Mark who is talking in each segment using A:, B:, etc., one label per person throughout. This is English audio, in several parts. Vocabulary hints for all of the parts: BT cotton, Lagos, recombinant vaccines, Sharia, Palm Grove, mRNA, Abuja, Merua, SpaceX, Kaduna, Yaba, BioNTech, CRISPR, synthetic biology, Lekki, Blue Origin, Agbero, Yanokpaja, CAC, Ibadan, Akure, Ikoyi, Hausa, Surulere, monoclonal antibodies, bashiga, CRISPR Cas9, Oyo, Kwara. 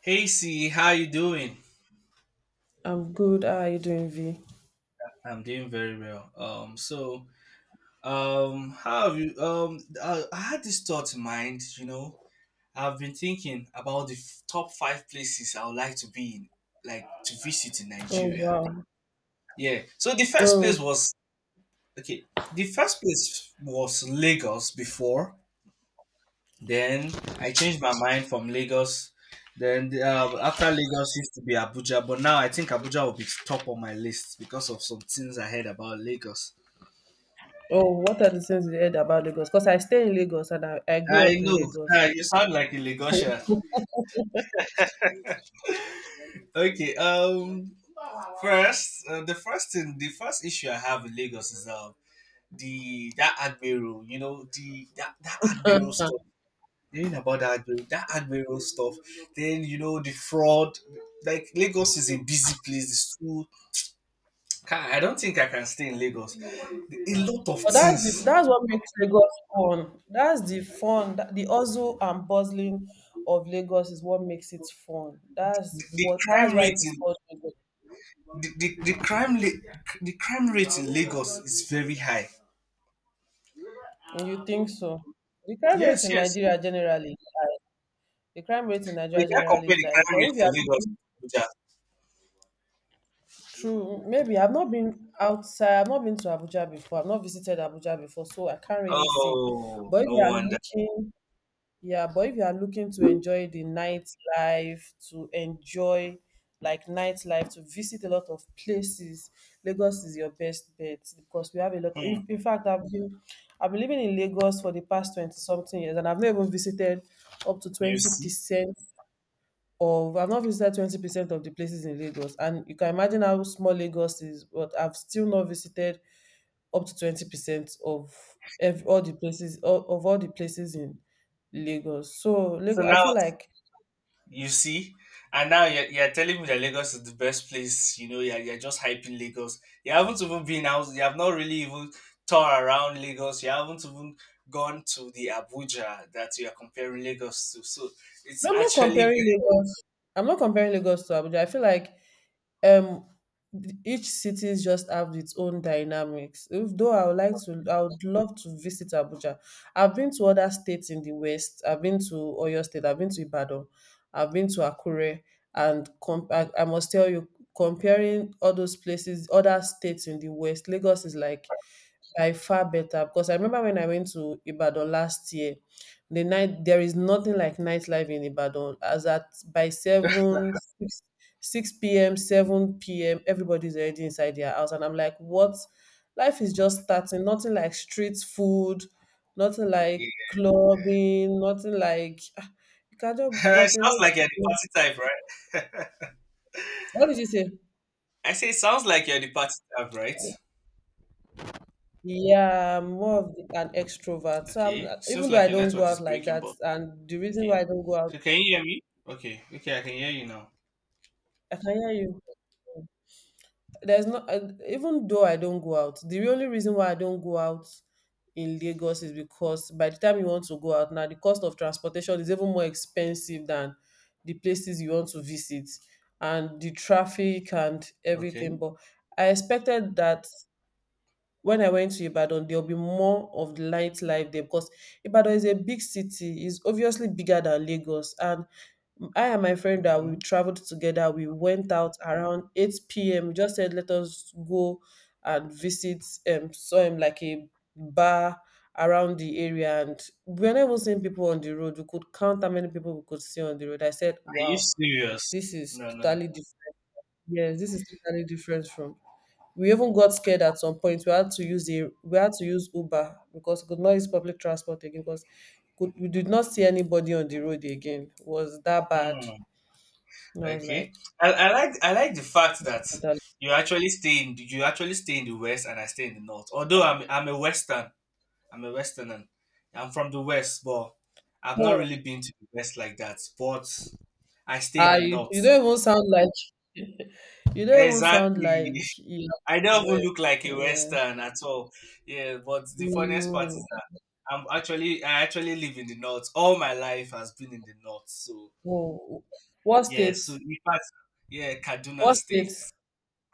A: Hey C, how you doing?
B: I'm good. How are you doing, V?
A: I'm doing very well. How have you? I had this thought in mind. I've been thinking about the top five places I would like to be in, like to visit in
B: Oh
A: Nigeria.
B: wow.
A: Yeah. So the first
B: Oh,
A: place was okay. The first place was Lagos before. Then I changed my mind from Lagos. Then after Lagos used to be Abuja, but now I think Abuja will be top on my list because of some things I heard about Lagos.
B: oh, what are the things you heard about Lagos? Because I stay in Lagos and I grew
A: I
B: up in
A: know,
B: Lagos.
A: you sound like a Lagosian.
B: But
A: Okay, um, first the first thing, the first issue I have with Lagos is the that Agbero. You know that Agbero stuff. Hearing about that Agbero stuff. Then you know the fraud. Like Lagos is a busy place. It's too I don't think I can stay in Lagos. A lot of things.
B: that's what makes Lagos fun. That's the fun. The hustle and bustling of Lagos is what makes it fun.
A: The crime
B: That's why
A: rate
B: it is
A: in
B: called Lagos.
A: the, the, the crime la- the crime rate in Lagos is very high.
B: You think so? The crime rate
A: Yes,
B: in
A: yes.
B: Nigeria generally, the crime rate in
A: We
B: Nigeria
A: can't
B: generally
A: compare
B: is
A: the
B: like,
A: crime
B: but
A: rate
B: if you are
A: in Lagos to Abuja.
B: true. Maybe I've not been outside. I've not been to Abuja before. I've not visited Abuja before, so I can't really see.
A: Oh,
B: But if
A: no
B: you are
A: wonder.
B: looking, yeah, but if you are looking to enjoy the nightlife, to enjoy like nightlife, to visit a lot of places, Lagos is your best bet because we have a lot.
A: Hmm,
B: If, in fact, I've been living in Lagos for the past 20 something years and I've not even visited up to
A: you see.
B: 20% of I've not visited 20% of the places in Lagos, and you can imagine how small Lagos is. But I've still not visited up to 20% of ev all the places of all the places in Lagos. So
A: So
B: Lagos, I feel
A: now,
B: like
A: you see, and now you're telling me that Lagos is the best place. You know, you're just hyping Lagos. You haven't even been out. You have not really even toured around Lagos. You haven't even gone to the Abuja that you are comparing Lagos to. So it's
B: I'm not
A: actually
B: comparing Lagos. I'm not comparing Lagos to Abuja. I feel like um each cities just have its own dynamics if though I would love to visit Abuja. I've been to other states in the west. I've been to Oyo state. I've been to Ibadan. I've been to Akure and I must tell you, comparing all those places, other states in the west, Lagos is like by far better because I remember when I went to Ibadan last year, the night there is nothing like nightlife in Ibadan as at by seven 6 p.m., 7 p.m., everybody's already inside their house. And I'm like, what? Life is just starting. Nothing like street food, nothing like
A: it
B: clubbing, nothing like. Ah, you can just, what a
A: sounds
B: lady.
A: like you're the party type, right?
B: What did you say?
A: I say it sounds like you're the party type, right?
B: Yeah, I'm more of an extrovert. So I'm,
A: Okay, seems
B: even though
A: like
B: I
A: your
B: don't go
A: network is
B: out like
A: breaking,
B: that,
A: but
B: and the reason why
A: okay.
B: I don't go out,
A: So can you hear me? Okay, okay, I can hear you now.
B: I can hear you. There's not even though I don't go out, the only reason why I don't go out in Lagos is because by the time you want to go out now, the cost of transportation is even more expensive than the places you want to visit and the traffic and
A: Okay.
B: everything. But I expected that when I went to Ibadan, there'll be more of the nightlife there because Ibadan is a big city. It's obviously bigger than Lagos. And I and my friend that
A: Hmm.
B: we traveled together, we went out around 8 p.m. We just said, let us go and visit some like a bar around the area. And we're not even seeing people on the road. We could count how many people we could see on the road. I said,
A: Are you
B: wow,
A: serious?
B: this is
A: No, no, no.
B: totally different. Yes, this is totally different from we even got scared at some point. We had to use Uber because we could not use public transport again because we did not see anybody on the road again. It was that bad.
A: Hmm.
B: And I was
A: Okay.
B: like,
A: I like the fact
B: this is
A: that
B: totally-
A: you actually stay in the west and I stay in the north. Although I'm a western, I'm a westerner. I'm from the west, but I've not
B: oh,
A: really been to the west like that. But I stay in
B: ah,
A: the
B: you
A: north.
B: don't even sound like you don't even sound
A: Exactly.
B: like you are
A: I
B: from the
A: don't even
B: West.
A: look like a
B: Yeah.
A: western at all. Yeah, but the funniest part is
B: Mm.
A: that I actually live in the north. All my life has been in the north. So
B: Oh. What
A: yeah,
B: state?
A: so in fact, yeah, Kaduna
B: What
A: State.
B: state?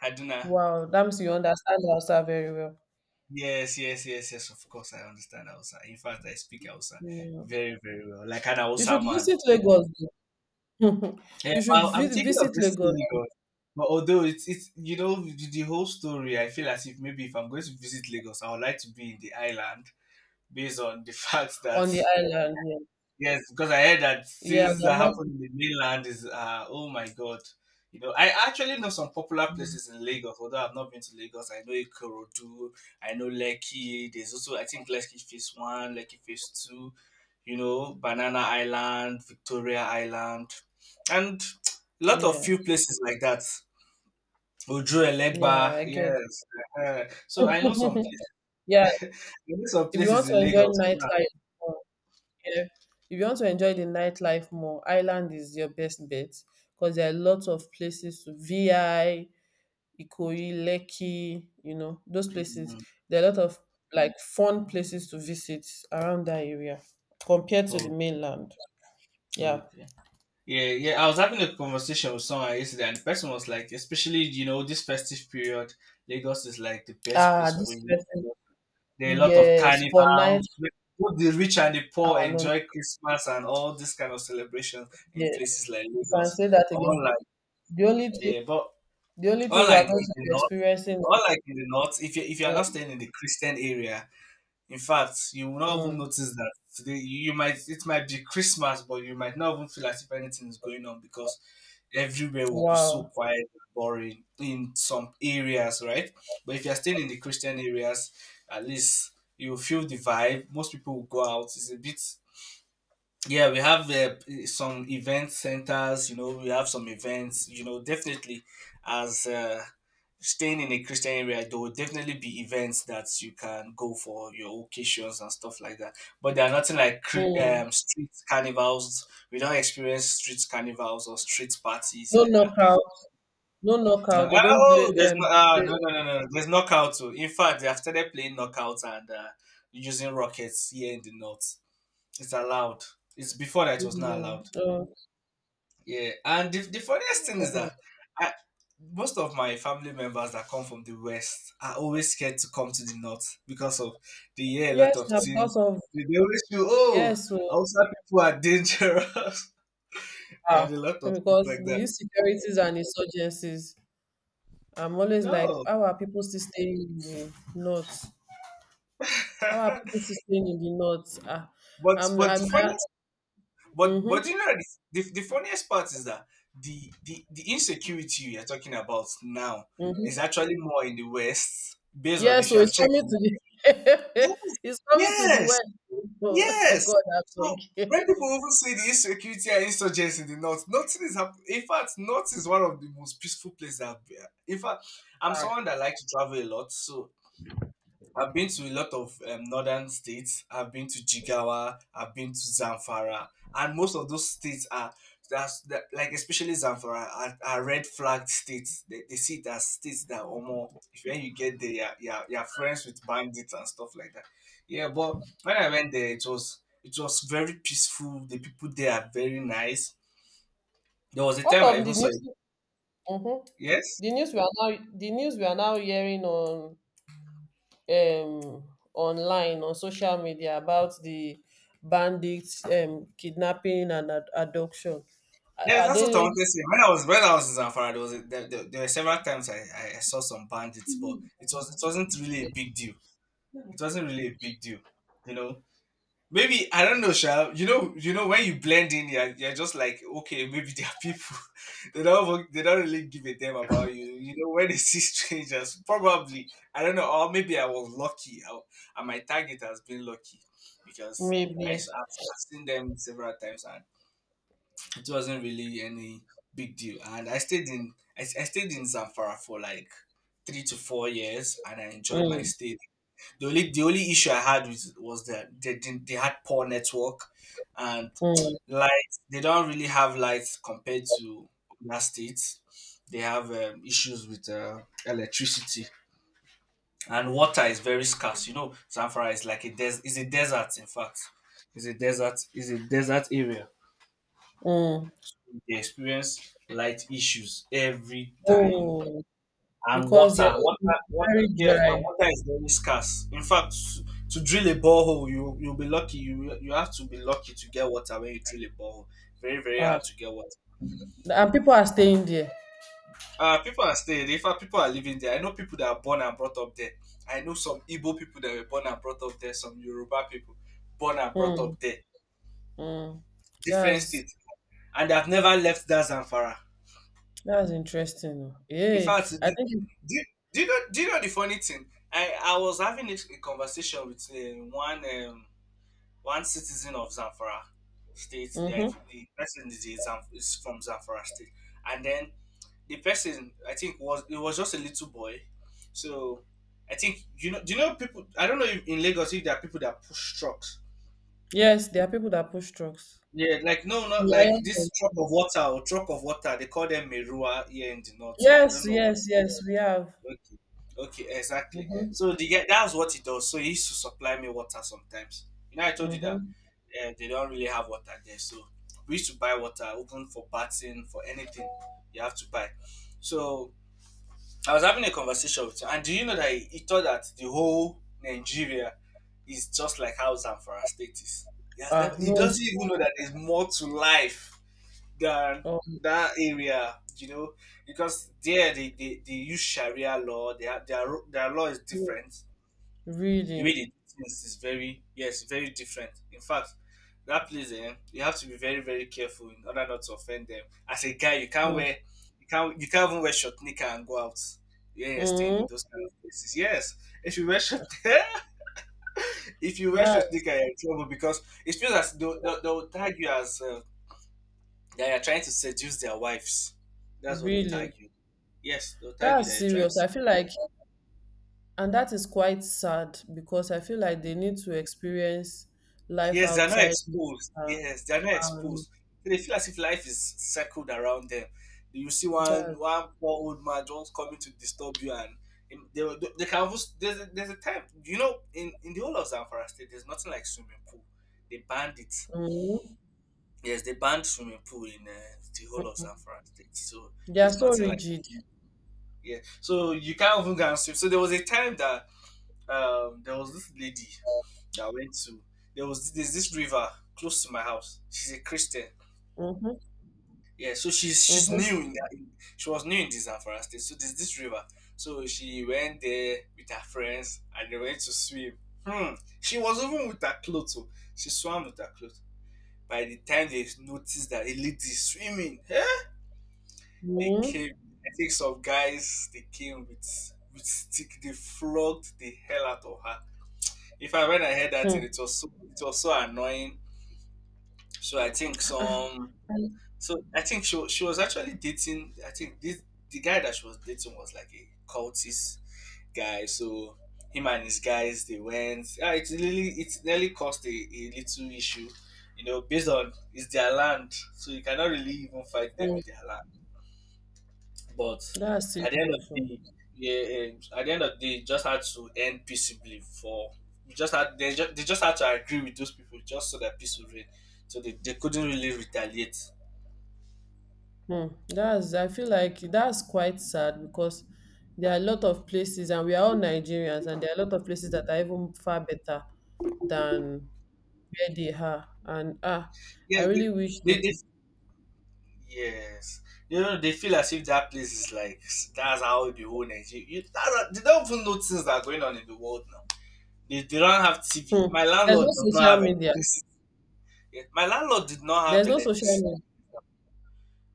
A: Kaduna.
B: Wow, that means you understand Hausa very well.
A: Yes, yes, yes, yes. Of course, I understand Hausa. In fact, I speak Hausa
B: Mm.
A: very, very well, like an
B: You
A: Hausa
B: should
A: man.
B: visit Lagos.
A: Yeah,
B: You should
A: well, I'm
B: vi
A: thinking of
B: visit
A: this thing
B: Lagos
A: Lagos, but although it's you know the whole story, I feel as if maybe if I'm going to visit Lagos, I would like to be in the island based on the fact that
B: on the island. Yeah,
A: yes, because I heard that
B: yeah,
A: things
B: there are
A: that
B: more
A: happen in the mainland is oh my god. You know, I actually know some popular
B: people.
A: places in Lagos, although I've not been to Lagos. I know Ikorodu, I know Lekki. There's also I think Lekki Phase One, Lekki Phase Two. You know, Banana Island, Victoria Island, and a lot of
B: Yeah,
A: few places like that. Ojo Elegba,
B: yeah, I get.
A: yes. Eh. Eh. So I know some places.
B: Yeah,
A: I know some
B: if you
A: places
B: want
A: in
B: to enjoy
A: Lagos.
B: nightlife more, yeah, if you want to enjoy the nightlife more, island is your best bet because there are lots of places to VI, Ikoyi, Lekki, you know, those places.
A: Mm,
B: There are a lot of like fun places to visit around that area compared to the
A: mm,
B: mainland.
A: oh,
B: Yeah.
A: okay. Yeah, yeah. I was having a conversation with someone yesterday, and the person was like, especially you know this festive period, Lagos is like the best
B: Ah,
A: place for
B: this
A: you.
B: person.
A: There are a lot of
B: Yes, for night
A: carnivals. Both the rich and the poor
B: oh no,
A: enjoy Christmas and all this kind of celebrations
B: yeah,
A: in
B: you
A: places like
B: can
A: Lagos.
B: say that again.
A: Unlike
B: The only thing,
A: yeah, but
B: the only thing we
A: unlike
B: are going
A: in
B: to
A: the
B: be
A: north,
B: experiencing.
A: unlike in the north, if you are not
B: Mm,
A: staying in the Christian area, in fact, you will not even
B: mm,
A: notice that today you might, it might be Christmas, but you might not even feel as if anything is going on because everywhere will be so
B: wow.
A: quiet and boring in some areas, right? But if you're staying in the Christian areas, at least you will feel the vibe. Most people will go out. It's a bit yeah, we have some event centers. You know we have some events, you know, definitely as staying in a Christian area, there will definitely be events that you can go for your occasions and stuff like that. But there are nothing like
B: Mm.
A: street carnivals. We don't experience street carnivals or street parties
B: No
A: like that.
B: knockout. No
A: No
B: knockout. They don't
A: oh
B: play.
A: there's no
B: Play.
A: no, no no no no, there's knockout too. In fact, they have started playing knockout and using rockets here in the north. It's allowed. It's before that, it was not
B: Mm,
A: allowed.
B: mm,
A: Yeah, and the funniest thing is that
B: mm.
A: I, most of my family members that come from the West are always scared to come to the North because of, they hear a lot
B: Yes,
A: of
B: na,
A: things.
B: because of
A: They always feel, oh,
B: yes, so
A: Hausa people are dangerous,
B: ah,
A: and a lot of things
B: because
A: like
B: the
A: that.
B: insecurities and insurgencies. I'm always like,
A: No,
B: how are people still staying in the north? How are
A: but
B: people still staying in the north? Ah,
A: but
B: I'm,
A: the
B: I'm, uh,
A: funniest, but
B: mm-hmm,
A: you know the funniest part is that the insecurity you are talking about now is
B: mm-hmm.
A: actually more in the West, based on
B: Yes,
A: if
B: so
A: you have
B: it's
A: checked
B: coming to
A: it.
B: the it's coming to the
A: Yes, yes.
B: west. Oh,
A: Yes.
B: God, I
A: So
B: beg.
A: when people often say the insecurity and insurgents in the north, nothing is happening. In fact, north is one of the most peaceful places I've been. In fact, I'm
B: Ah.
A: someone that likes to travel a lot, so I've been to a lot of northern states. I've been to Jigawa. I've been to Zamfara, and most of those states are like especially Zamfara are red flagged states. They see it as states that or more. If when you get there, you're friends with bandits and stuff like that. Yeah, but when I went there, it was very peaceful. The people there are very nice. There was a
B: What
A: time I
B: of
A: even
B: the
A: saw
B: news?
A: it.
B: Mhm.
A: Yes.
B: The news we are now hearing on um online on social media about the bandits kidnapping and abduction. Are
A: Yes,
B: are
A: that's what I
B: they
A: wanted to say. When I was in Zamfara, there was a, there were several times I saw some bandits, but it wasn't really a big deal. It wasn't really a big deal, you know. Maybe I don't know, Sha. You know when you blend in, you're just like, okay, maybe they are people. they don't they don't really give a damn about you. You know when they see strangers, probably I don't know, or maybe I was lucky. I, and my target has been lucky because
B: maybe?
A: I've seen them several times, and it wasn't really any big deal. And I stayed in I stayed in Zamfara for like 3 to 4 years, and I enjoyed my
B: Mm,
A: stay. The only issue I had was that they didn't they had poor network, and
B: mm,
A: lights, they don't really have lights compared to other states. They have issues with electricity, and water is very scarce. You know, Zamfara is like is a desert. In fact, is a desert area.
B: mm.
A: They experience light issues every time.
B: Oh,
A: And
B: because they're
A: water,
B: very
A: yes, and
B: dry.
A: water is very scarce. In fact, to drill a borehole, you'll be lucky. You have to be lucky to get water when you drill a borehole. Very very
B: Ah,
A: hard to get water.
B: and people are staying there.
A: People are staying. In fact, people are living there. I know people that are born and brought up there. I know some Igbo people that were born and brought up there. Some Yoruba people born and brought
B: Hmm.
A: up there.
B: Mm,
A: Different
B: that's
A: states, and they have never left that Zamfara.
B: that's interesting. Oh.
A: In
B: Yeah,
A: fact,
B: I think.
A: do, do you know the funny thing? I was having a conversation with one one citizen of Zamfara State.
B: Mm-hmm.
A: Like the person is, is from Zamfara State, and then the person I think was, it was just a little boy. So I think you know, do you know people? I don't know if in Lagos if there are people that push trucks.
B: Yes, there are people that push trucks.
A: Yeah, like no, not
B: The
A: like this
B: iron
A: truck of water or truck of water. They call them Merua here in the north, but I
B: yes,
A: don't know.
B: yes, yes. We have.
A: Okay. Okay, exactly.
B: Mm-hmm.
A: So the guy, that's what he does. So he used to supply me water sometimes. You know, I told you that
B: Mm-hmm.
A: they don't really have water there. So we used to buy water, open, for bathing, for anything you have to buy. So I was having a conversation with him, and do you know that he thought that the whole Nigeria is just like Hausa and Farah State is? He has never.
B: Ah,
A: He
B: no.
A: doesn't even know that there's more to life than
B: Oh,
A: that area, you know, because there they use Sharia law. Their law is
B: no.
A: different. The way
B: Really?
A: they do things is very yes, very different. In fact, that place you have to be very very careful in order not to offend them. As a guy, you can't even wear short knicker and go out. Yeah, you're staying in
B: Mm-hmm.
A: those kind of places. Yes, if you wear short if you wear short
B: That's
A: knicker, you're in trouble because it feels as though they'll tag you as that you're trying to seduce their wives. That's what they'll tag
B: really
A: you. Yes, they'll tag you that
B: that's
A: you're trying
B: serious. I feel
A: to.
B: like, and that is quite sad because I feel like they need to experience life
A: Yes, they're not
B: outside.
A: exposed.
B: Uh,
A: Yes, they're not
B: and
A: exposed. So they feel as if life is circled around them. You see one
B: that
A: one poor old man just coming to disturb you, and they can even, there's a time in the whole of Zamfara State there's nothing like swimming pool. They banned it.
B: mm-hmm.
A: Yes, they banned swimming pool in the whole of Zamfara State. So
B: They are
A: there's
B: so
A: nothing like,
B: rigid.
A: yeah. So you can't even go and swim. So there was a time that there was this lady. That I went to there was there's this river close to my house. She's a Christian,
B: Mm-hmm.
A: yeah. So
B: Mm-hmm.
A: she was new in this Zamfara State. So there's this river. So she went there with her friends and they went to swim. hmm she was even with her clothes, oh. She swam with her clothes. By the time they noticed that a lady is swimming they
B: Mm,
A: came. I think some guys, they came with stick. They flogged the hell out of her. In fact, when I heard that,
B: hmm.
A: it was so annoying. So I think
B: Ah, ah.
A: some, so I think she she was actually dating. I think this the guy that she was dating was like a cultist guy. So him and his guys, they went. Ah, it nearly caused a little issue, based on it's their land, so you cannot really even fight them
B: Mm,
A: in their land. But
B: that's
A: at the end of
B: serious.
A: the
B: Oh.
A: day, yeah, at the end of the day, it just had to end peaceably. For we just had they just had to agree with those people just so that peace would reign. So they couldn't really retaliate.
B: Hmm. That's I feel like that's quite sad because there are a lot of places and we are all Nigerians and there are a lot of places that are even far better than where they are. And ah, I
A: Yeah,
B: really wish they
A: they
B: could.
A: yes, you know they feel as if that place is like that's how the whole Nigeria. They don't even know things that are going on in the world now. They don't have TV.
B: Hmm.
A: My
B: There's
A: landlord
B: no
A: does not
B: social
A: have
B: media.
A: electricity. Yeah, my landlord did not have
B: There's no social
A: electricity.
B: media.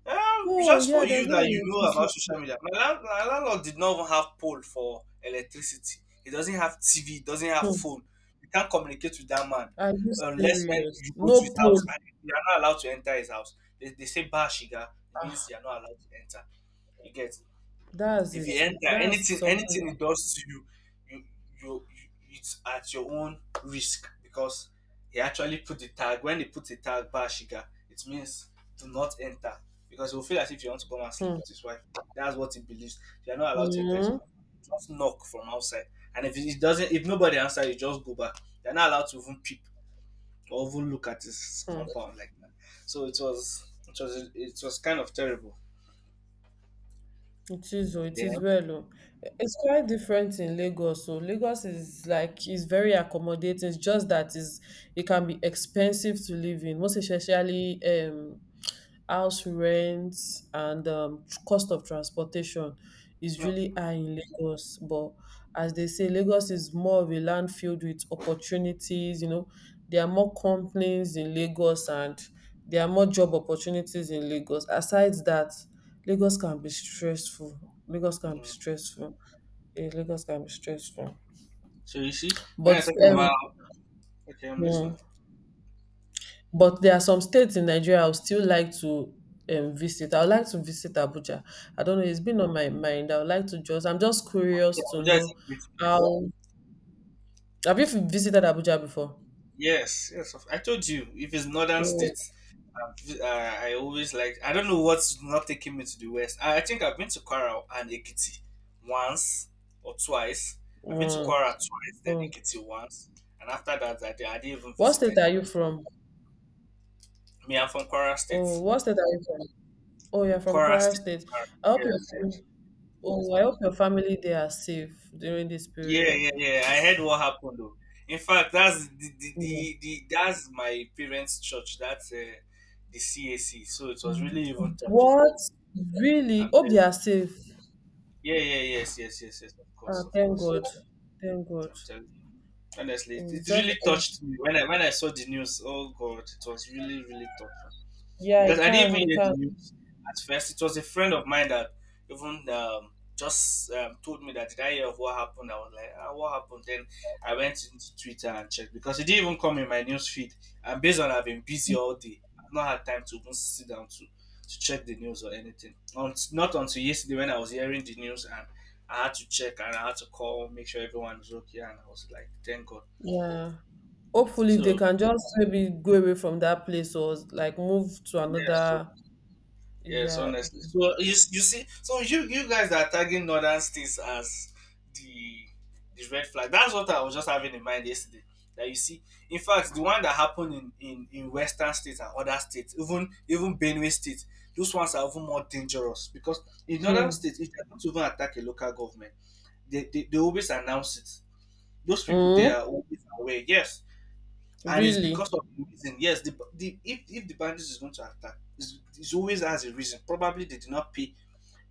B: Oh
A: Just for
B: yeah,
A: you
B: there's no
A: that you know
B: electricity.
A: about social media. My landlord did not even have pole for electricity. He doesn't have TV. He doesn't have
B: Hmm.
A: phone. You can't communicate with that man
B: Are you
A: unless when
B: serious?
A: you go to
B: No
A: his
B: poll.
A: house, and you are not allowed to enter his house. They say bashiga. It
B: Ah,
A: means you are not allowed to enter. You get,
B: that's
A: if
B: it.
A: you enter
B: That's
A: anything
B: something.
A: anything it does to you you, it's at your own risk because he actually put the tag. When they put the tag bashiga, it means do not enter, because he'll feel as if you want to come and sleep
B: Hmm.
A: with his wife. That's what he believes. You're not allowed to enter his
B: Mm,
A: compound. Just knock from outside, and if it doesn't if nobody answers, you just go back. You're not allowed to even peep or even look at his
B: hmm.
A: compound like that. So it was kind of terrible.
B: It is, oh, it is
A: Then,
B: well, oh. It's quite different in Lagos. So Lagos is like is very accommodating. It's just that is it can be expensive to live in, most especially house rents and cost of transportation is
A: no.
B: really high in Lagos. But as they say, Lagos is more of a land filled with opportunities. You know, there are more companies in Lagos and there are more job opportunities in Lagos. Aside that, Lagos can be stressful. Lagos can be
A: mm,
B: stressful. Yeah, Lagos can be stressful.
A: So you see, when you're
B: But
A: talking about. Okay, I'm
B: mm,
A: listening.
B: but there are some states in Nigeria I would still like to visit. I would like to visit
A: Abuja.
B: Abuja. I don't know. It's been on my mind. I would like to just. I'm just curious to
A: Abuja is a
B: know
A: great place.
B: how. Have you visited Abuja before?
A: Yes, yes. I told you, if it's northern
B: Mm,
A: states, I always like. I don't know what's not taking me to the west. I think I've been to Kwara and Ekiti once or twice. I've been to
B: mm,
A: Kwara twice, then
B: mm.
A: Ekiti once, and after that, I didn't even
B: What
A: visit
B: state
A: any
B: are you
A: western.
B: from?
A: Me, I'm from Kwara State.
B: Oh, what state are you from? Oh, you're from
A: Kwara
B: Kwara
A: State.
B: State.
A: Kwara.
B: I hope your
A: Yes, yes,
B: family, oh, I hope your family they are safe during this
A: yeah,
B: period.
A: yeah, yeah. I heard what happened though. In fact, that's
B: Yeah.
A: the that's my parents' church. That's the CAC. So it was really even touching.
B: What? Really?
A: I'm
B: Hope
A: telling.
B: they
A: You.
B: are safe.
A: Yeah, yeah, yes, yes, yes, yes. Of
B: Ah,
A: course, of
B: thank
A: course.
B: God. Thank God.
A: I'm telling you. Honestly, it,
B: Mm,
A: it
B: just
A: really touched me when I saw the news. Oh God, it was really really touching.
B: yeah,
A: Because
B: it
A: I didn't
B: can,
A: even
B: it
A: hear the
B: can.
A: news at first. It was a friend of mine that even just told me that did I hear of what happened. I was like, ah, what happened? Then I went into Twitter and checked because it didn't even come in my news feed. And based on I've been busy all day, I've not had time to even sit down to check the news or anything. Not until yesterday when I was hearing the news, and I had to check and I had to call, make sure everyone is okay, and I was like, thank God.
B: Yeah. Hopefully, if they
A: So
B: can just maybe go away from that place or like move to
A: yeah, so
B: another.
A: Yes,
B: Yeah.
A: honestly. So you see, so you guys are tagging northern states as the the red flag. That's what I was just having in mind yesterday. That you see, in fact, the one that happened in, western states and other states, even Benue State, those ones are even more dangerous because in northern
B: Mm.
A: states, if they don't even attack a local government, they always announce it. Those people
B: Mm.
A: there are always aware. Yes, and it's
B: Really.
A: because of the reason. Yes, the if the bandits is going to attack, it's always has a reason. Probably they did not pay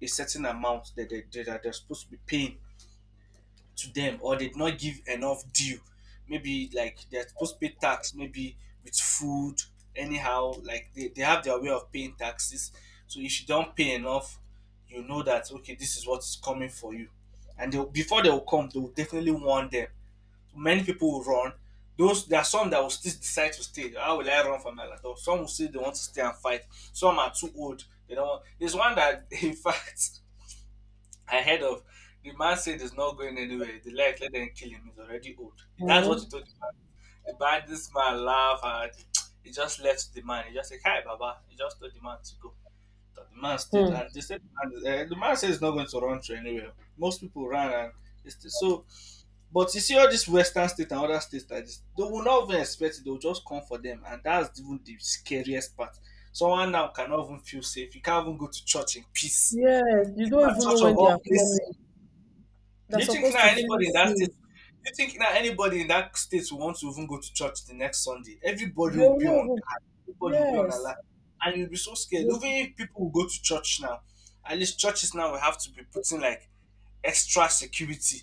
A: a certain amount that they're supposed to be paying to them, or they did not give enough due. Maybe like they're supposed to pay tax, maybe with food. Anyhow, like they have their way of paying taxes. So if you don't pay enough, you know that okay, this is what's coming for you. And they before they will come, they will definitely warn them. Many people will run. Those there are some that will still decide to stay. How will I run from my laptop? Some will say they want to stay and fight. Some are too old. They don't want. There's one that, in fact, I heard of. The man said he's not going anywhere. The life let them kill him. He's already old. That's what he
B: Mm.
A: told the man. The man, this man laugh and he just left the man. He just said, "Hi, Baba." He just told the man to go, that the man stayed
B: Mm.
A: and they said the man said he's not going to run to anywhere. Most people ran and they stayed. So, but you see all these western states and other states like this, they will not even expect it, they'll just come for them. And that's even the scariest part. Someone now cannot even feel safe. You can't even go to church in peace.
B: Yes,
A: In
B: you don't
A: fact,
B: even know
A: church of
B: when they
A: all
B: are
A: places.
B: coming.
A: Do
B: They're
A: you think
B: supposed
A: now
B: to feel
A: anybody in that state?
B: safe.
A: Do you think now anybody in that state will want to even go to church the next Sunday? Everybody
B: They
A: will
B: will
A: be on
B: not even.
A: guard. Everybody will be on alert,
B: Yes.
A: and you'll be so scared. Even
B: They-
A: if people will go to church now, at least churches now will have to be putting like extra security,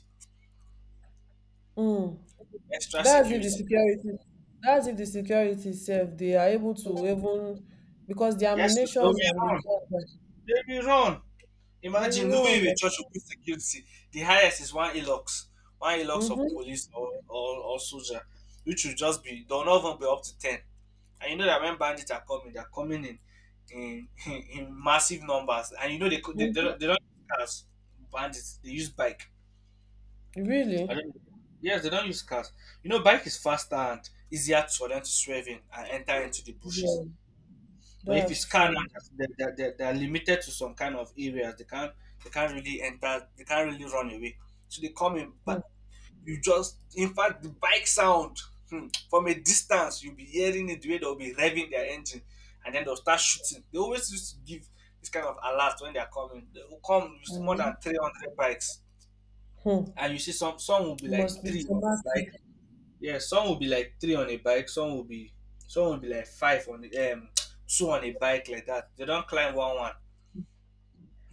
B: Mm.
A: extra
B: That's if the
A: security.
B: security. That's if the security itself they are able to even because the
A: Yes, they'll
B: ammunitions
A: be
B: and the
A: run.
B: guns
A: They'll be run.
B: they
A: Imagine
B: will
A: even
B: run.
A: if a church will put security, the highest is one elox
B: Mm-hmm.
A: of police or soldier, which will just be they'll not even be up to 10. And you know that when bandits are coming, they're coming in, in massive numbers, and you know they co-
B: Mm-hmm.
A: they don't use cars. Bandits they use bike. I
B: Really?
A: don't. Yes, they don't use cars. You know, bike is faster and easier for them to swerve in and enter into the bushes.
B: Yeah,
A: But if
B: that's
A: it's car, now,
B: true.
A: they're limited to some kind of areas. They can't really enter. They can't really run away. So they come in.
B: Hmm.
A: But you just in fact the bike sound from a distance you'll be hearing it the way they'll be revving their engine. And then they'll start shooting. They always used to give this kind of alert when they're coming. They will come. You see more than
B: Mhm.
A: 300 bikes.
B: Hmm.
A: And you see some will be like
B: Must be
A: three on a
B: traumatic.
A: bike. Yeah, some will be like three on a bike. Some will be like five on the two on a bike like that. They don't climb one one.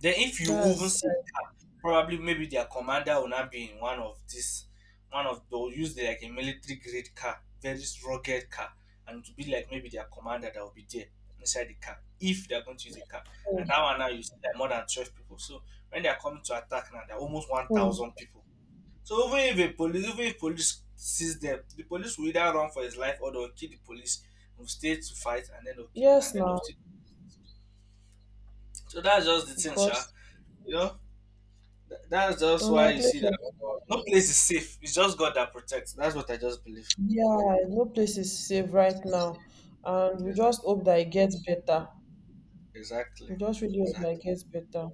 A: Then if you even
B: That's
A: see
B: sad.
A: car, probably maybe their commander will not be in one of this. One of They'll use the, like a military grade car, very rugged car, and to be like maybe their commander that will be there inside the car if they're going to use a car. And
B: Hmm.
A: that one now you see like more than 12 people. So when they are coming to attack now, they are almost one
B: Hmm.
A: thousand people. So even if police sees them, the police will either run for his life, or they'll kill the police, will stay to fight and then they'll kill him and
B: Yes,
A: then they'll
B: now
A: still. So that's just the thing, sha.
B: because
A: You know? That's just why you
B: unlikely,
A: see that. Oh, No place is safe. It's just God that protects. That's what I just believe.
B: yeah, no place is safe right now, and we just
A: Exactly.
B: hope that it gets better.
A: Exactly.
B: We just really hope that it
A: Exactly.
B: gets better.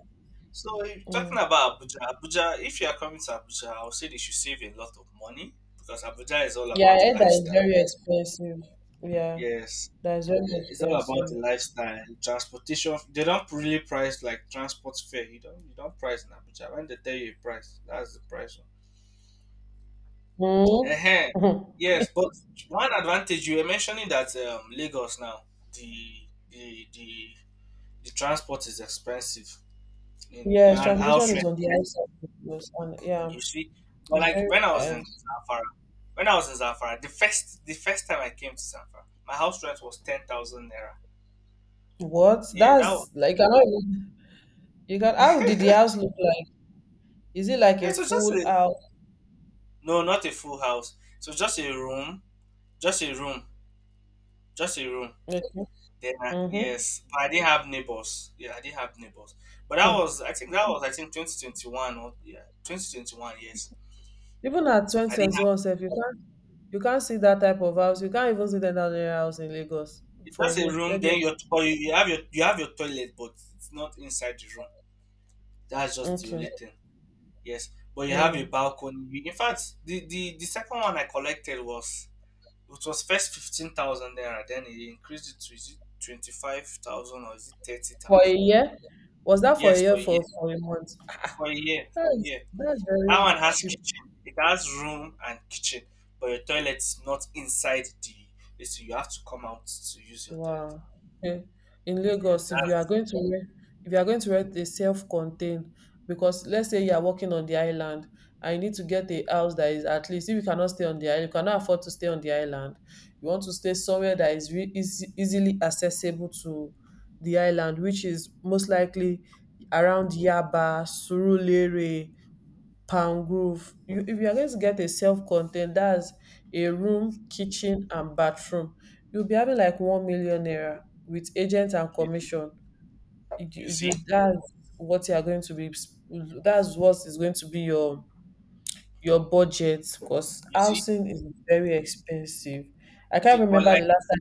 A: So if you're
B: Yeah,
A: talking about Abuja, if you are coming to Abuja, I would say they should save a lot of money because Abuja is all
B: yeah, I
A: about the
B: heard that is
A: lifestyle.
B: very expensive. Yeah,
A: Yes.
B: that is very
A: Yeah, it's all about the
B: expensive.
A: lifestyle, transportation. They don't really price like transport fare. You don't. You don't price in Abuja. When they tell you a price, that's the price. uh
B: Hmm.
A: Yes, but one advantage you were mentioning that Lagos now, the the the the transport is expensive in,
B: Yes,
A: and
B: transportation
A: house
B: is
A: rent,
B: on the high
A: right?
B: side, of course, and yeah,
A: You see, but
B: it's
A: like when I was in
B: very.
A: Zamfara, the first time I came to Zamfara, my house rent was 10,000 naira.
B: What?
A: Yeah, that was.
B: That's like I don't even- you can how did the house look like? Is it like
A: Yeah,
B: a
A: so just
B: full
A: a.
B: house?
A: No, not a full house. So just a room, just a room, just a room.
B: Okay.
A: Then I,
B: Mm-hmm.
A: yes, but I did have neighbors. Yeah, I did have neighbors. But that was, I think, 2021, or yeah, 2021. Yes,
B: Even at
A: I didn't have.
B: 2021 self, you can't see that type of house. You can't even see that type of house in Lagos.
A: It's
B: For
A: just a
B: where?
A: room.
B: Where do you
A: Then your you have your toilet, but it's not inside the room. That's just the
B: okay.
A: only thing. Yes, but you have a
B: Mm.
A: balcony. In fact, the second one I collected was, it was first 15,000 there. Then it increased it to, is it 25,000 or is it thirty
B: For a
A: thousand?
B: year? Was that for a
A: Yes, for
B: year
A: a year.
B: for a month?
A: For a year. For a year.
B: That's
A: That
B: very
A: one has
B: cheap.
A: kitchen. It has room and kitchen, but your toilet is not inside the. It's, you have to come out to use your toilet.
B: Wow. Eh, in
A: Yes,
B: Lagos, if you are
A: that's.
B: going to rent, if you are going to rent a self-contained, because let's say you are working on the island and you need to get a house that is at least if you cannot stay on the island, you cannot afford to stay on the island. You want to stay somewhere that is easily accessible to the island, which is most likely around Yaba, Surulere, Palm Grove. You If you are going to get a self-contained, that's a room, kitchen, and bathroom, you'll be having like 1 million naira with agent and
A: you see,
B: commission.
A: you see,
B: That's what you are going to be That's what is going to be your budget, because
A: you see,
B: housing is very expensive. i
A: You
B: can't
A: see. But
B: remember the
A: like,
B: last time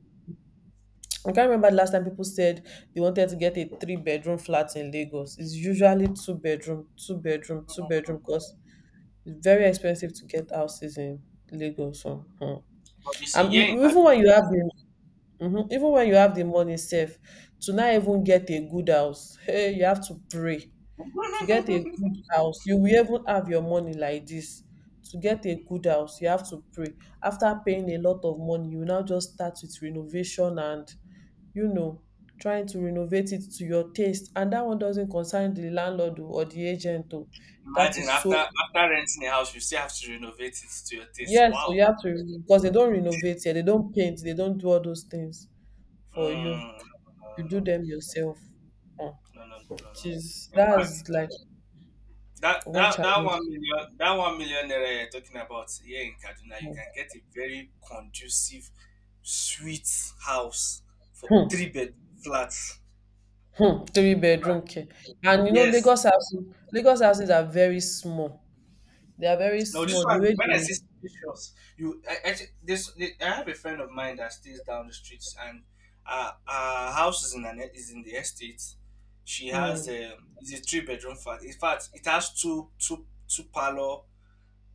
B: I can't remember the last time people said they wanted to get a three-bedroom flat in Lagos. It's usually two bedroom, two bedroom, two bedroom, because
A: mm,
B: it's very expensive to get houses in Lagos. Oh. Hmm.
A: but you see,
B: And you,
A: yeah. In fact,
B: even when you have the Mhm. Even when you have the money safe to not even get a good house, hey, you have to pray. To get a good house, you will even have your money like this. To get a good house, you have to pray. After paying a lot of money, you now just start with renovation and you know trying to renovate it to your taste. And that one doesn't concern the landlord, oh, or the agent. Oh. That
A: imagine
B: is so
A: after renting a house, you still have to renovate it to your taste.
B: Yes, so
A: Wow.
B: you have to, because they don't renovate here, they don't paint, they don't do all those things for you.
A: Mm, no, no,
B: You do
A: no,
B: them yourself. Mm.
A: no, no, no, no.
B: Which
A: No.
B: is
A: In fact,
B: That's like one
A: That
B: challenge.
A: 1 million, that 1 million naira you're talking about, here in Kaduna you
B: Mm.
A: can get a very conducive, sweet house for
B: Hmm.
A: three bed flats.
B: Hmm. Three
A: In
B: bedroom
A: fact,
B: care. And you know,
A: yes.
B: Lagos houses are very small. They are very
A: No, this
B: small. The
A: one
B: way
A: when I
B: they
A: see pictures, you. I thi- this I have a friend of mine that stays down the streets, and our house is in an, is in the estate. She has
B: Mm.
A: a it's a three-bedroom flat. In fact, it has two parlor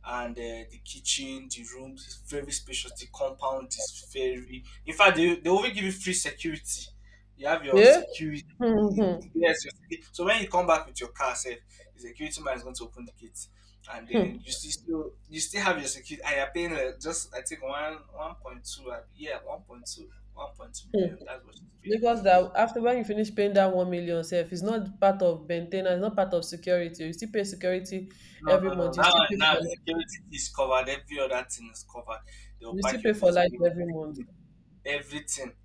A: and the kitchen, the room is very spacious. The compound is very. In fact, they even give you free security. You have your
B: Yeah.
A: security
B: Hmm.
A: in,
B: Hmm.
A: yes. Your security. So when you come back with your car, safe, the security man is going to open the gate, and then
B: Hmm.
A: you still still you still have your security. And you're paying just, I think, 1.2. Yeah, 1.2. 1.2 million,
B: Hmm.
A: that's what you pay.
B: Lagos, that after when you finish paying that 1 million self, it's not part of maintenance, it's not part of security. You still pay security
A: No,
B: every
A: no, no.
B: month,
A: Now, the security is covered. Every other thing is covered. They'll
B: you still
A: pack your
B: pay for light
A: dustbin,
B: every month.
A: everything, everything.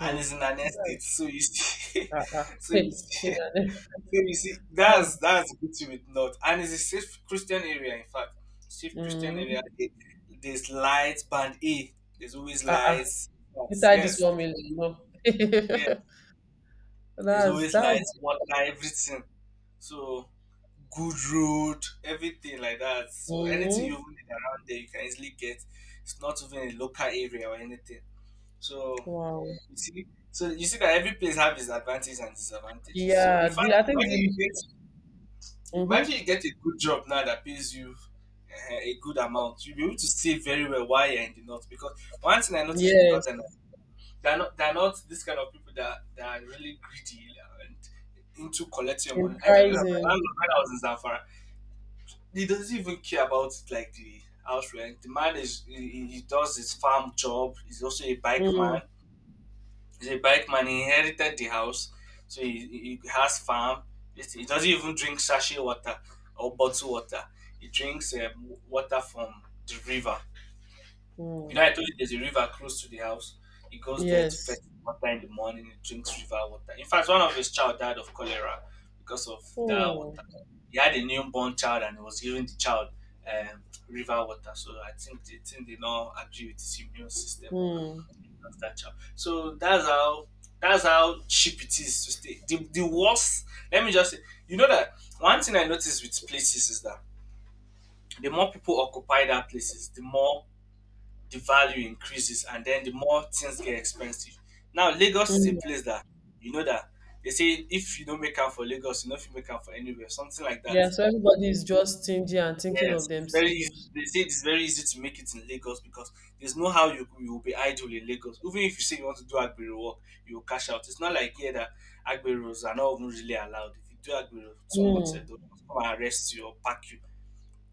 A: And it's in an estate.
B: That's,
A: So you see,
B: uh-uh.
A: so you
B: Hey, you
A: see,
B: know,
A: so you see, that's
B: that's,
A: that's good to with not, and it's a safe Christian area. In fact, safe Christian
B: mm,
A: area. There's lights, band A. There's always
B: uh-uh.
A: lights. Yes,
B: Inside this
A: yes,
B: one
A: there's,
B: million, no.
A: yeah, there's
B: That's,
A: always
B: that's,
A: lights, water, everything. So good road, everything like that. So anything you
B: mm,
A: need around there, you can easily get. It's not even a local area or anything. So,
B: wow.
A: you see. So you see that every place have its advantages and disadvantages. So in
B: Yeah.
A: fact,
B: the, I think the,
A: imagine
B: Mm-hmm.
A: you get a good job now that pays you a good amount. You'll be able to save very well while you're in the north. Because one thing I noticed with
B: Yes,
A: northern, they're not this kind of people that are really greedy and into collecting your
B: in
A: money. I told you that my
B: pricing.
A: landlord when I was in Zamfara, he doesn't even care about like the house rent. The man is. He does his farm job. He's also a bike
B: Mm.
A: man. He's a bike man. He inherited the house, so he has farm. He doesn't even drink sachet water or bottled water. He drinks water from the river. You
B: Mm.
A: know, I told you there's a river close to the house. He goes there to fetch
B: Yes.
A: water in the morning. He drinks river water. In fact, one of his child died of cholera because of that water.
B: Oh.
A: He had a newborn child and he was giving the child um, river water. So I think they now agree with his immune system.
B: Mm.
A: That's that chap. So that's how, cheap it is to stay. The worst, let me just say, you know that one thing I noticed with places is that the more people occupy that places, the more the value increases and then the more things get expensive. Now Lagos is a
B: Mm.
A: place that, you know, that they say if you don't make up for Lagos, you know, if you make up for anywhere, something like that.
B: Yeah, so everybody is just stingy and thinking of
A: Yes, it's very easy.
B: themselves.
A: They say it's very easy to make it in Lagos because there's no how you will be idle in Lagos. Even if you say you want to do Agbero work, you will cash out. It's not like here that Agberos are not even really allowed. If you do Agbero too much,
B: Mm.
A: they'll come and arrest you or pack you.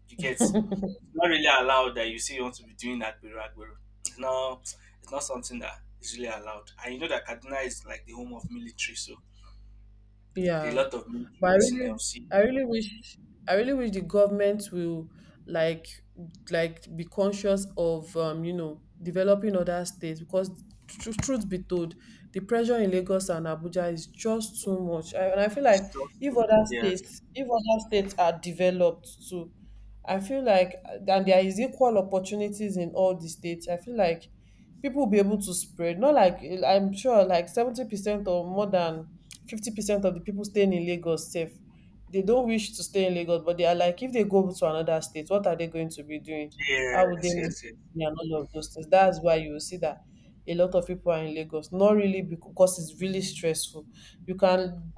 A: You get, it's not really allowed that you say you want to be doing Agbero Agbero. It's not it's not something that is really allowed. And you know that Kaduna is like the home of military, so there are a
B: Yeah,
A: lot of military
B: but
A: personnel. See,
B: I really wish, I really wish the government will, like, like be conscious of, developing other states, because truth be told, the pressure in Lagos and Abuja is just too much. And I feel
A: it's
B: like
A: just.
B: if other
A: Yes,
B: states, if other states are developed too, I feel like, and there is equal opportunities in all the states, I feel like people will be able to spread. Not like, I'm sure like 70% or more than 50% of the people staying in Lagos safe, they don't wish to stay in Lagos, but they are like, if they go to another state, what are they going to be doing? How would they
A: yes,
B: make
A: yes, yes.
B: money and all of those things? That's why you will see that a lot of people are in Lagos, not really because it's really stressful. You can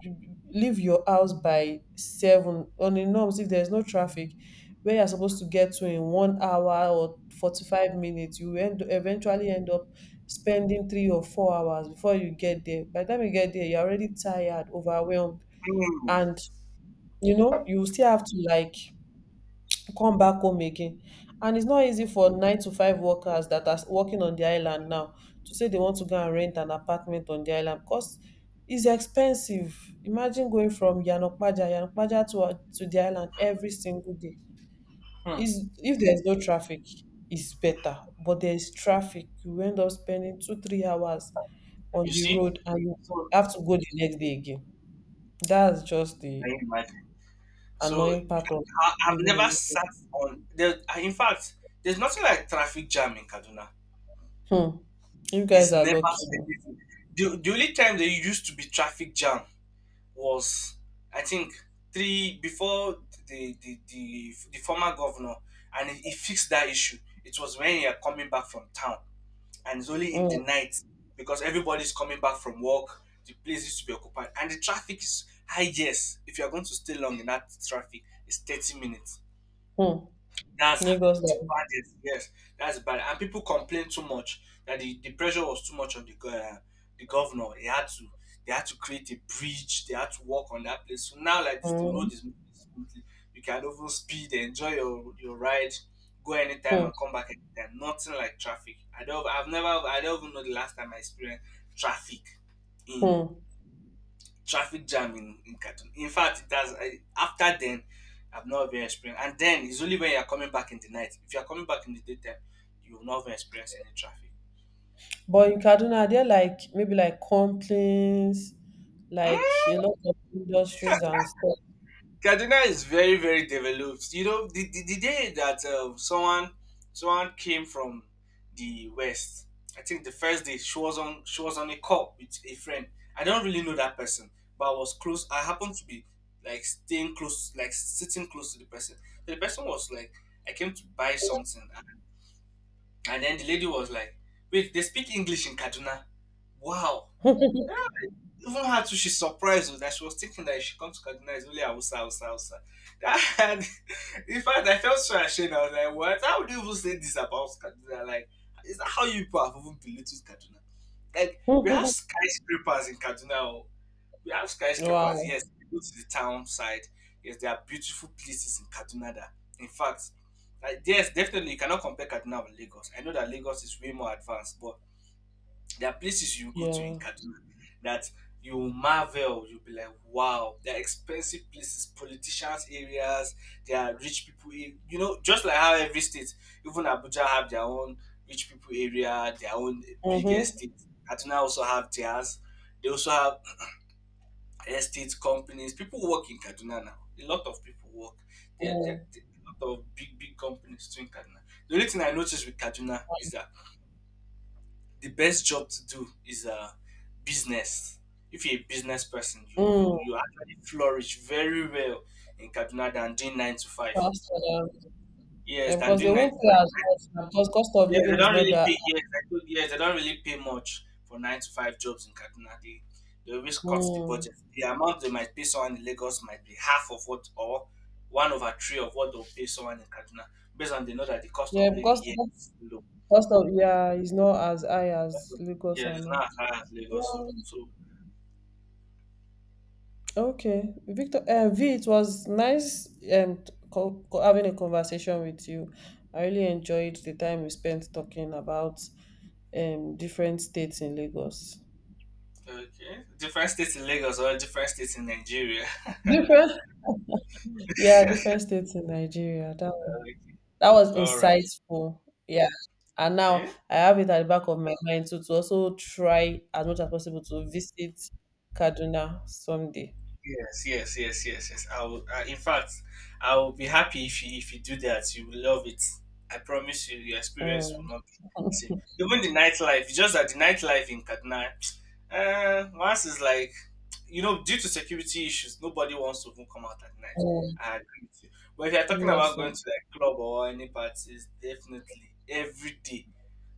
B: leave your house by seven on a norms if there's no traffic. Where you're supposed to get to in 1 hour or 45 minutes, you will eventually end up spending 3 or 4 hours before you get there. By the time you get there, you're already tired, overwhelmed, and you still have to like come back home again. And it's not easy for 9 to 5 workers that are working on the island now to say they want to go and rent an apartment on the island, because it's expensive. Imagine going from Yanokpaja to the island every single day.
A: Hmm.
B: Is If there's no traffic, it's better. But there's traffic, you end up spending two, 3 hours on
A: You
B: the
A: see?
B: road, and you
A: So
B: have to go the next day again. That's just
A: can
B: the
A: you imagine? So
B: annoying part of
A: I've
B: living
A: never
B: in
A: sat on there. In fact, there's nothing like traffic jam in Kaduna.
B: Lagos. Hmm. You guys
A: There's
B: are
A: never
B: lucky.
A: anything. The only time there used to be traffic jam was, I think, three before the former governor, and he fixed that issue. It was when you are coming back from town, and it's only in the
B: Oh.
A: night because everybody's coming back from work. The place used to be occupied, and the traffic is high. Yes, if you are going to stay long in that traffic, it's 30 minutes.
B: Hmm.
A: That's
B: Hmm. Lagos.
A: the baddest. Yes, that's bad. And people complain too much that the pressure was too much on the the governor. He had to They had to create a bridge. They had to work on that place. So now like this, the
B: Hmm.
A: road is moving smoothly. You can over speed, enjoy your ride, go anytime
B: Hmm.
A: and come back anytime. Nothing like traffic. I don't. I've never. I don't even know the last time I experienced traffic in,
B: Hmm.
A: traffic jam in Kaduna. In fact, it has. I, after then, I've not even experienced. And then it's only when you're coming back in the night. If you're coming back in the daytime, you will not even experience any traffic.
B: But in Kaduna, are there like maybe like complaints,
A: Hmm.
B: like a lot of industries and stuff?
A: Kaduna is very very developed. You know, the day that someone, came from the west. I think the first day she was on, a call with a friend. I don't really know that person, but I was close. I happened to be, like, staying close, like sitting close to the person. So the person was like, I came to buy something, and, then the lady was like, wait, they speak English in Kaduna? Wow! Even her too, she's surprised, that she was thinking that if she comes to Kaduna, it's only Hausa, Hausa, Hausa. That, in fact, I felt so ashamed. I was like, what? How would you even say this about Kaduna? Like, is that how you people have even belittled Kaduna? Like, we have skyscrapers in Kaduna. Oh. We have skyscrapers,
B: Wow.
A: yes. If you go to the town side. Yes, there are beautiful places in Kaduna that, in fact, like, yes, definitely you cannot compare Kaduna with Lagos. I know that Lagos is way more advanced, but there are places you go to in
B: Yeah.
A: Kaduna that you will marvel. You'll be like, wow, they're expensive places, politicians' areas, there are rich people. You know, just like how every state, even Abuja, have their own rich people area, their own big
B: Mm-hmm.
A: estate. Kaduna also have theirs. They also have estate companies. People work in Kaduna now. A lot of people work.
B: Mm.
A: There are a lot of big, big companies too in Kaduna. The only thing I noticed with Kaduna is that the best job to do is business. If you're a business person,
B: Mm.
A: you actually flourish very well in Kaduna than doing nine to five.
B: Faster. Yeah,
A: Yes, than
B: because they
A: doing nine to
B: won't pay as
A: five.
B: much now, because cost of
A: Yeah, they
B: living is
A: don't
B: not
A: really
B: that.
A: pay. Yes, I told, yes, they don't really pay much for nine to five jobs in Kaduna. They always cut the
B: Mm.
A: budget. The amount they might pay someone in Lagos might be half of what, or one over three of what they'll pay someone in Kaduna, based on, they know that the cost of
B: Yeah,
A: living
B: because
A: here
B: the
A: is low.
B: cost of, yeah, is not as high
A: Cost
B: as
A: of-
B: Lagos
A: Yeah, it's
B: and
A: not
B: all.
A: as high as Lagos.
B: Well,
A: So.
B: okay, Victor, V, it was nice and having a conversation with you. I really enjoyed the time we spent talking about different states in Lagos.
A: Okay. Different states in Lagos or different states in Nigeria.
B: Different? Yeah, different states in Nigeria. That was,
A: Okay.
B: that was
A: All right.
B: insightful. Yeah. And now
A: Okay.
B: I have it at the back of my mind too to also try as much as possible to visit Kaduna someday.
A: Yes, yes, yes, yes, yes. I will, in fact, I will be happy if you do that. You will love it. I promise you, your experience
B: Mm.
A: will not be the same. Even the nightlife, it's just that the nightlife in Kaduna, once is like, you know, due to security issues, nobody wants to even come out at night.
B: Mm,
A: I agree with you. But if you're talking
B: yes,
A: about going
B: sir.
A: to like club or any parties, definitely every day.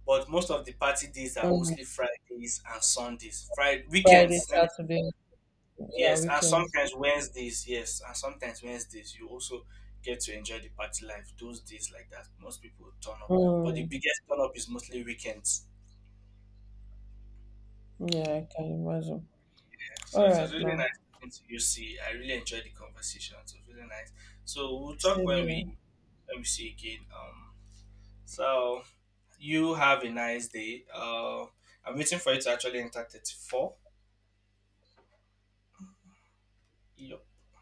A: But most of the party days are
B: Mm,
A: mostly Fridays and Sundays. Friday
B: Friday,
A: weekends, let me.
B: Saturday, yeah,
A: Yes, and
B: weekends.
A: sometimes Wednesdays, you also get to enjoy the party life. Those days like that, most people turn up. But the
B: Mm,
A: biggest turn up is mostly weekends.
B: yeah, I can imagine.
A: Yeah, so
B: All
A: it was
B: right,
A: really nice
B: now,
A: talking to you. See, I really enjoyed the conversation. It was really nice. So we'll talk
B: same
A: when
B: here.
A: we, see again. So you have a nice day. I'm waiting for you to actually enter 34. Yup.